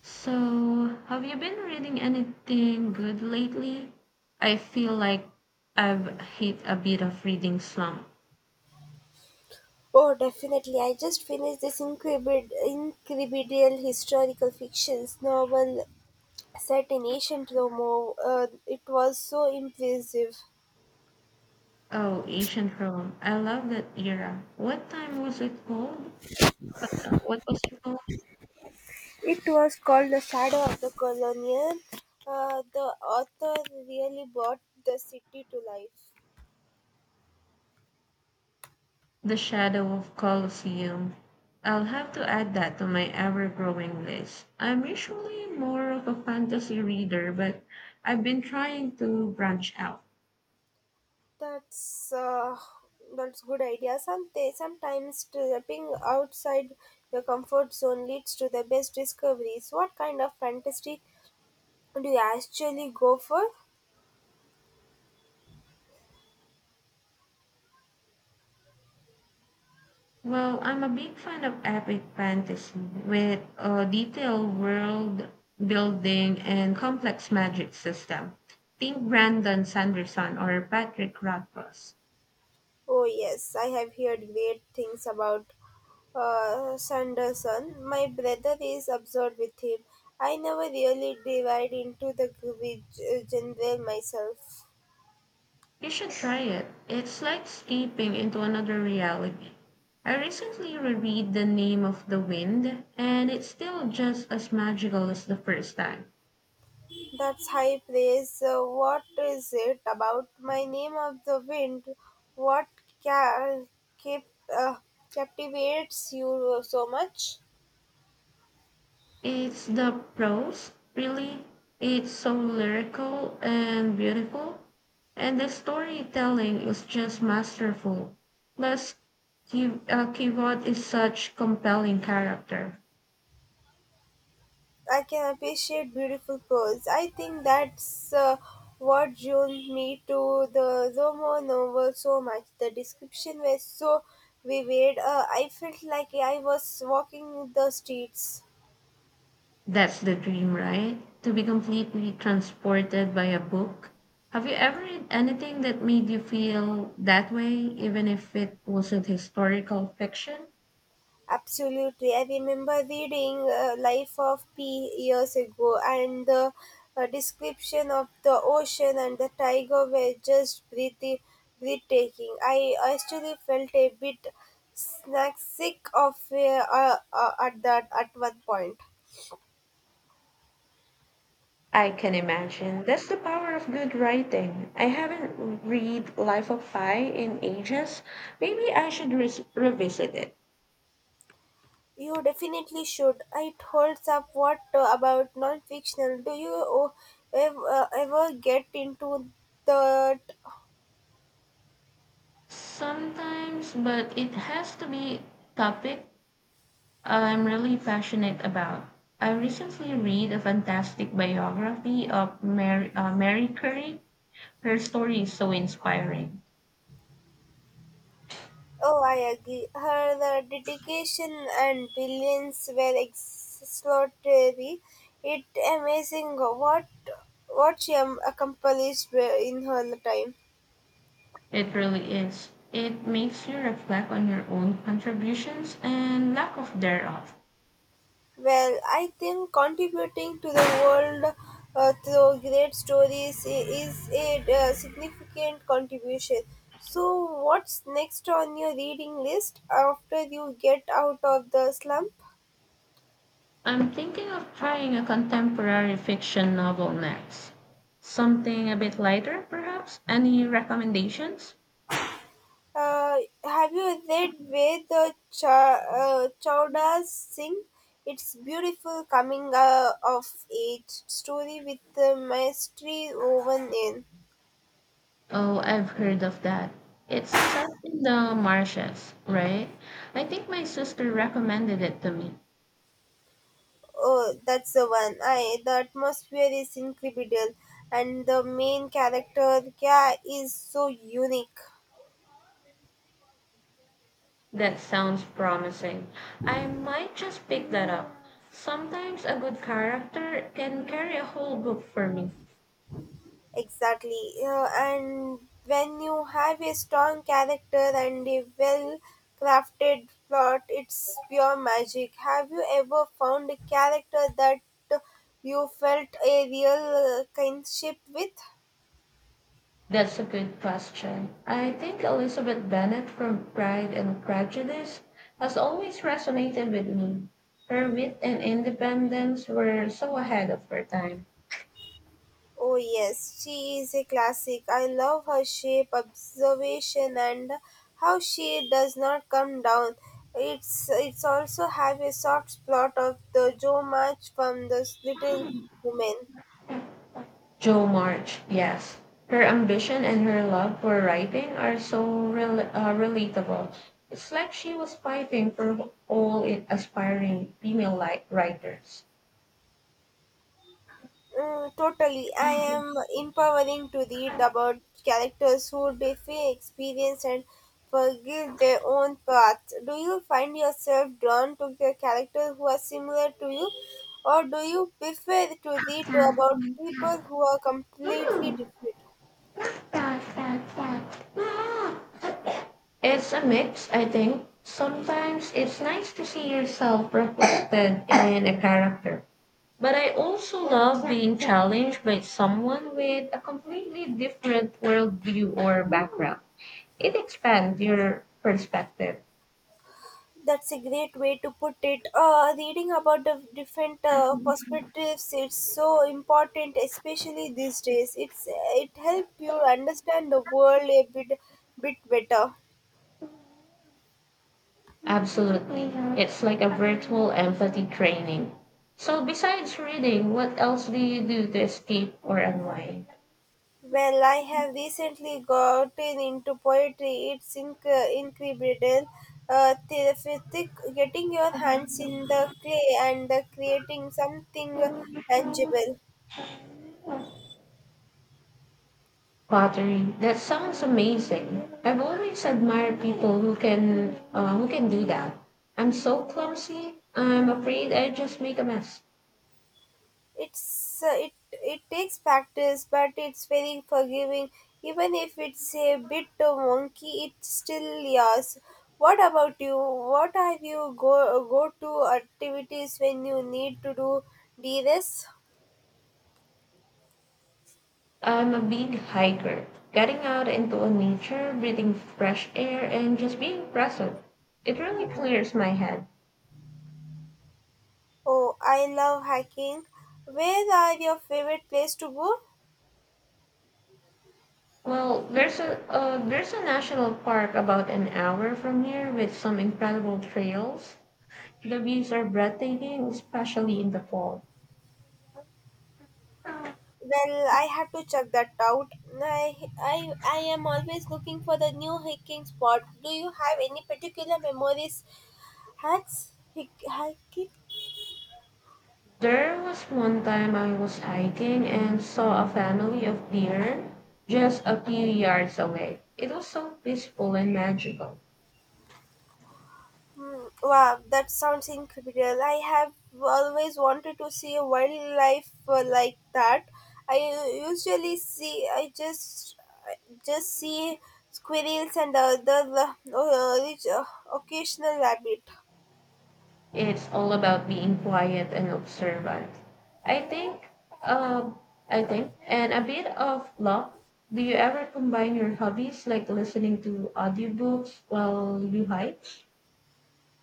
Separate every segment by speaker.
Speaker 1: So, have you been reading anything good lately? I feel like I've hit a bit of reading slump.
Speaker 2: Oh, definitely. I just finished this incredible, incredible historical fiction novel set in ancient Rome. Oh, it was so impressive.
Speaker 1: Oh, ancient Rome. I love that era. What time was it called? What was it called?
Speaker 2: It was called The Shadow of the Colonial. The author really brought the city to life.
Speaker 1: The Shadow of Colosseum. I'll have to add that to my ever-growing list. I'm usually more of a fantasy reader, but I've been trying to branch out.
Speaker 2: That's uh, that's good idea. Sometimes stepping outside your comfort zone leads to the best discoveries. What kind of fantasy do you actually go for?
Speaker 1: Well, I'm a big fan of epic fantasy with a detailed world building and complex magic system. Think Brandon Sanderson or Patrick Rothfuss.
Speaker 2: Oh yes, I have heard great things about Sanderson. My brother is absorbed with him. I never really divide into the general myself.
Speaker 1: You should try it. It's like escaping into another reality. I recently reread The Name of the Wind, and it's still just as magical as the first time.
Speaker 2: That's high praise. What is it about my name of the wind? What ca- kept, uh, captivates you so much?
Speaker 1: It's the prose, really. It's so lyrical and beautiful. And the storytelling is just masterful. Plus, Keyboard is such compelling character.
Speaker 2: I can appreciate beautiful prose. I think that's what drew me to the Romo novel so much. The description was so vivid. I felt like I was walking the streets.
Speaker 1: That's the dream, right? To be completely transported by a book. Have you ever read anything that made you feel that way, even if it wasn't historical fiction?
Speaker 2: Absolutely. I remember reading Life of Pi years ago, and the description of the ocean and the tiger were just breathtaking. I actually felt a bit snack sick of fear at that at 1 point.
Speaker 1: I can imagine. That's the power of good writing. I haven't read Life of Pi in ages. Maybe I should revisit it.
Speaker 2: You definitely should. It holds up. What about non-fictional? Do you ever get into that.
Speaker 1: Sometimes, but it has to be topic I'm really passionate about. I recently read a fantastic biography of Mary Curie. Her story is so inspiring.
Speaker 2: Oh, I agree. Her the dedication and brilliance were extraordinary. It amazing what what she accomplished in her time.
Speaker 1: It really is. It makes you reflect on your own contributions and lack of thereof.
Speaker 2: Well, I think contributing to the world through great stories is a significant contribution. So, what's next on your reading list after you get out of the slum?
Speaker 1: I'm thinking of trying a contemporary fiction novel next. Something a bit lighter, perhaps? Any recommendations?
Speaker 2: Uh, have you read where the Chowdas sing? It's beautiful coming of age story with the mystery woven in.
Speaker 1: Oh, I've heard of that. It's set in the marshes, right? I think my sister recommended it to me.
Speaker 2: Oh, that's the one. I the atmosphere is incredible, and the main character Kya is so unique.
Speaker 1: That sounds promising. I might just pick that up. Sometimes a good character can carry a whole book for me.
Speaker 2: Exactly. And when you have a strong character and a well crafted plot, it's pure magic. Have you ever found a character that you felt a real kinship with?
Speaker 1: That's a good question. I think Elizabeth Bennet from Pride and Prejudice has always resonated with me. Her wit and independence were so ahead of her time.
Speaker 2: Oh, yes, she is a classic. I love her shape, observation, and how she does not come down. It's also have a soft plot of the Joe March from the Little Women.
Speaker 1: Jo March, yes. Her ambition and her love for writing are so relatable. It's like she was fighting for all aspiring female writers.
Speaker 2: Mm, totally. I am empowering to read about characters who defy experience and forgive their own paths. Do you find yourself drawn to the characters who are similar to you, or do you prefer to read about people who are completely different?
Speaker 1: It's a mix, I think. Sometimes it's nice to see yourself reflected in a character, but I also love being challenged by someone with a completely different worldview or background. It expands your perspective.
Speaker 2: That's a great way to put it. Reading about the different perspectives its so important, especially these days. It's it helps you understand the world a bit better.
Speaker 1: Absolutely. It's like a virtual empathy training. So, besides reading, what else do you do to escape or unwind?
Speaker 2: Well, I have recently gotten into poetry. It's incredible, therapeutic. Getting your hands in the clay and creating something tangible.
Speaker 1: Pottery. That sounds amazing. I've always admired people who can do that. I'm so clumsy. I'm afraid I just make a mess.
Speaker 2: It's it it takes practice, but it's very forgiving. Even if it's a bit wonky, it's still yours. What about you? What are you go to activities when you need to do de.
Speaker 1: I'm a big hiker. Getting out into a nature, breathing fresh air, and just being present. It really clears my head.
Speaker 2: Oh, I love hiking. Where are your favorite place to go?
Speaker 1: Well, there's a national park about an hour from here with some incredible trails. The views are breathtaking, especially in the fall.
Speaker 2: Well, I have to check that out. I, I am always looking for the new hiking spot. Do you have any particular memories? Hacks? Hiking?
Speaker 1: There was one time I was hiking and saw a family of deer just a few yards away. It was so peaceful and magical.
Speaker 2: Wow, that sounds incredible. I have always wanted to see a wildlife like that. I usually see, I just see squirrels and other uh, occasional rabbit.
Speaker 1: It's all about being quiet and observant. I think, um, I think, and a bit of luck. Do you ever combine your hobbies like listening to audiobooks while you hike?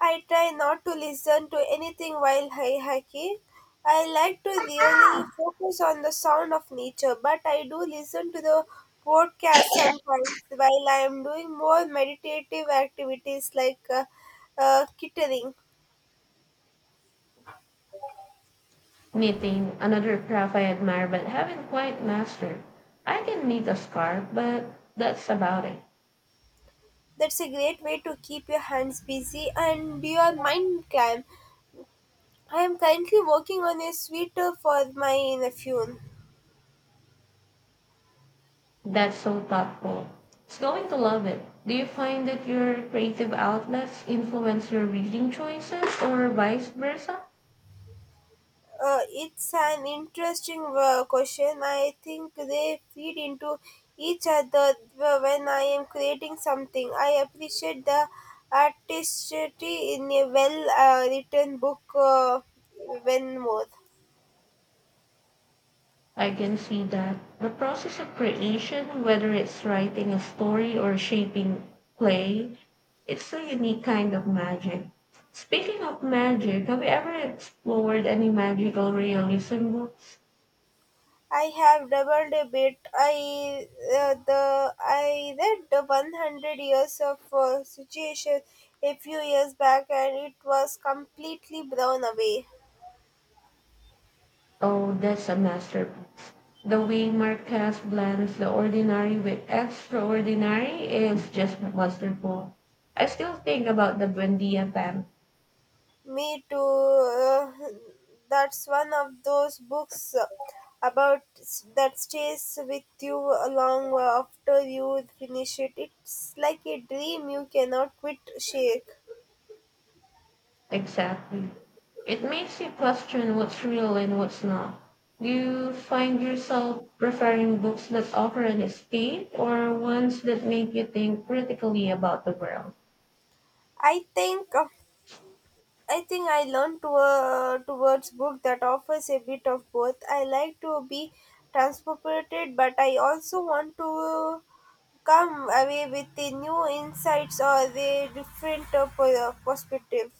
Speaker 2: I try not to listen to anything while hiking. I like to really focus on the sound of nature, but I do listen to the podcast sometimes while I am doing more meditative activities like kittering.
Speaker 1: Knitting, another craft I admire but haven't quite mastered. I can knit a scarf, but that's about it.
Speaker 2: That's a great way to keep your hands busy and your mind calm. I am currently working on a sweater for my nephew.
Speaker 1: That's so thoughtful. It's going to love it. Do you find that your creative outlets influence your reading choices or vice versa?
Speaker 2: It's an interesting question. I think they feed into each other when I am creating something. I appreciate the artistry in a well written book when more.
Speaker 1: I can see that. The process of creation, whether it's writing a story or shaping play, it's a unique kind of magic. Speaking of magic, have you ever explored any magical realism books?
Speaker 2: I have doubled a bit. I read the 100 years of situation a few years back and it was completely blown away.
Speaker 1: Oh, that's a masterpiece. The way Marquez blends the ordinary with extraordinary is just masterful. I still think about the Buendia band.
Speaker 2: Me too. That's one of those books about that stays with you long after you finish it. It's like a dream you cannot quit. Shake.
Speaker 1: Exactly. It makes you question what's real and what's not. Do you find yourself preferring books that offer an escape or ones that make you think critically about the world?
Speaker 2: I think. uh, I think I learned to, towards book that offers a bit of both. I like to be transported, but I also want to come away with the new insights or the different perspective.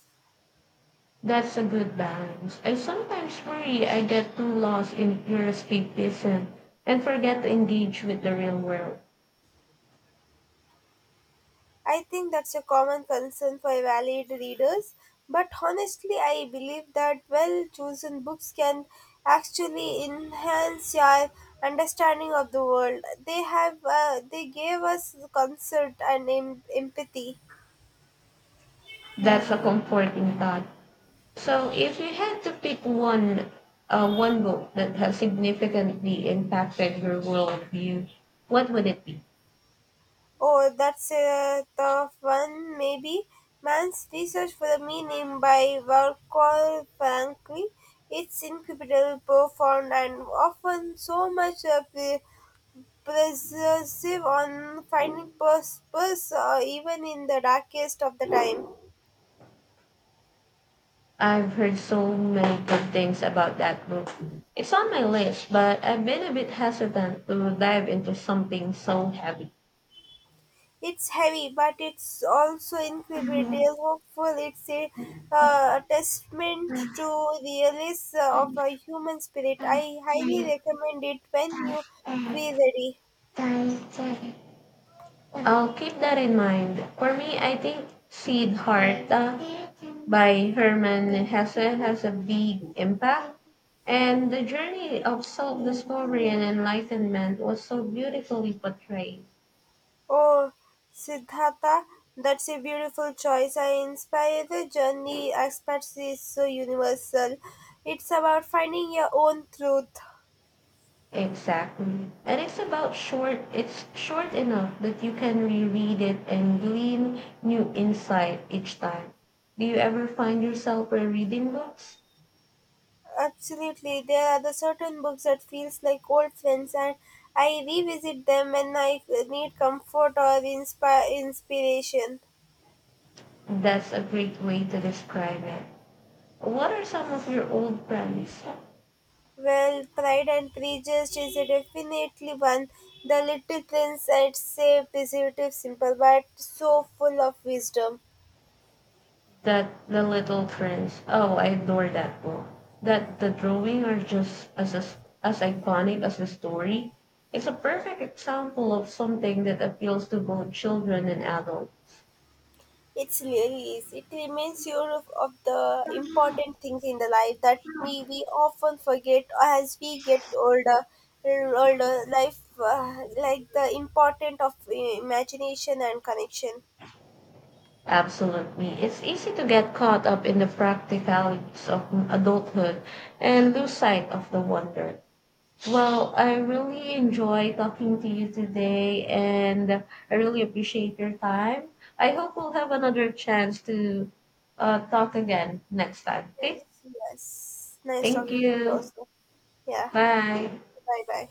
Speaker 1: That's a good balance. I sometimes worry I get too lost in heuristic vision and forget to engage with the real world.
Speaker 2: I think that's a common concern for avid readers, but honestly, I believe that well chosen books can actually enhance your understanding of the world. They have they gave us concert and empathy.
Speaker 1: That's a comforting thought. So, if you had to pick one book that has significantly impacted your worldview, what would it be?
Speaker 2: Oh, that's a tough one, maybe. Man's research for the meaning by Volker Frankly, It's incredible, profound, and often so much of the persuasive on finding purpose even in the darkest of the time.
Speaker 1: I've heard so many good things about that book. It's on my list, but I've been a bit hesitant to dive into something so heavy.
Speaker 2: It's heavy, but it's also incredibly hopeful. It's uh, a testament to the release of a human spirit. I highly recommend it when you feel ready.
Speaker 1: I'll keep that in mind. For me, I think Siddhartha by Herman Hesse has a big impact. And the journey of self discovery and enlightenment was so beautifully portrayed.
Speaker 2: Oh, Siddhartha, that's a beautiful choice. I inspire the journey aspects is so universal. It's about finding your own truth.
Speaker 1: Exactly. And it's about short, it's short enough that you can reread it and glean new insight each time. Do you ever find yourself rereading books?
Speaker 2: Absolutely, there are the certain books that feels like old friends, and I revisit them when I need comfort or inspiration.
Speaker 1: That's a great way to describe it. What are some of your old friends?
Speaker 2: Well, Pride and Prejudice is a definitely one. The Little Prince, I'd say, is a bit simple but so full of wisdom.
Speaker 1: That the little friends. Oh, I adore that book. That the drawing are just as iconic as the story. It's a perfect example of something that appeals to both children and adults.
Speaker 2: It's really is. It reminds you of the important things in the life that we often forget as we get older. Older life, like the important of imagination and connection.
Speaker 1: Absolutely. It's easy to get caught up in the practicalities of adulthood and lose sight of the wonder. Well, I really enjoy talking to you today and I really appreciate your time. I hope we'll have another chance to talk again next time.
Speaker 2: Yes,
Speaker 1: Okay?
Speaker 2: yes. Nice
Speaker 1: Thank
Speaker 2: talking to you
Speaker 1: you.
Speaker 2: also. Yeah.
Speaker 1: Bye.
Speaker 2: Bye bye.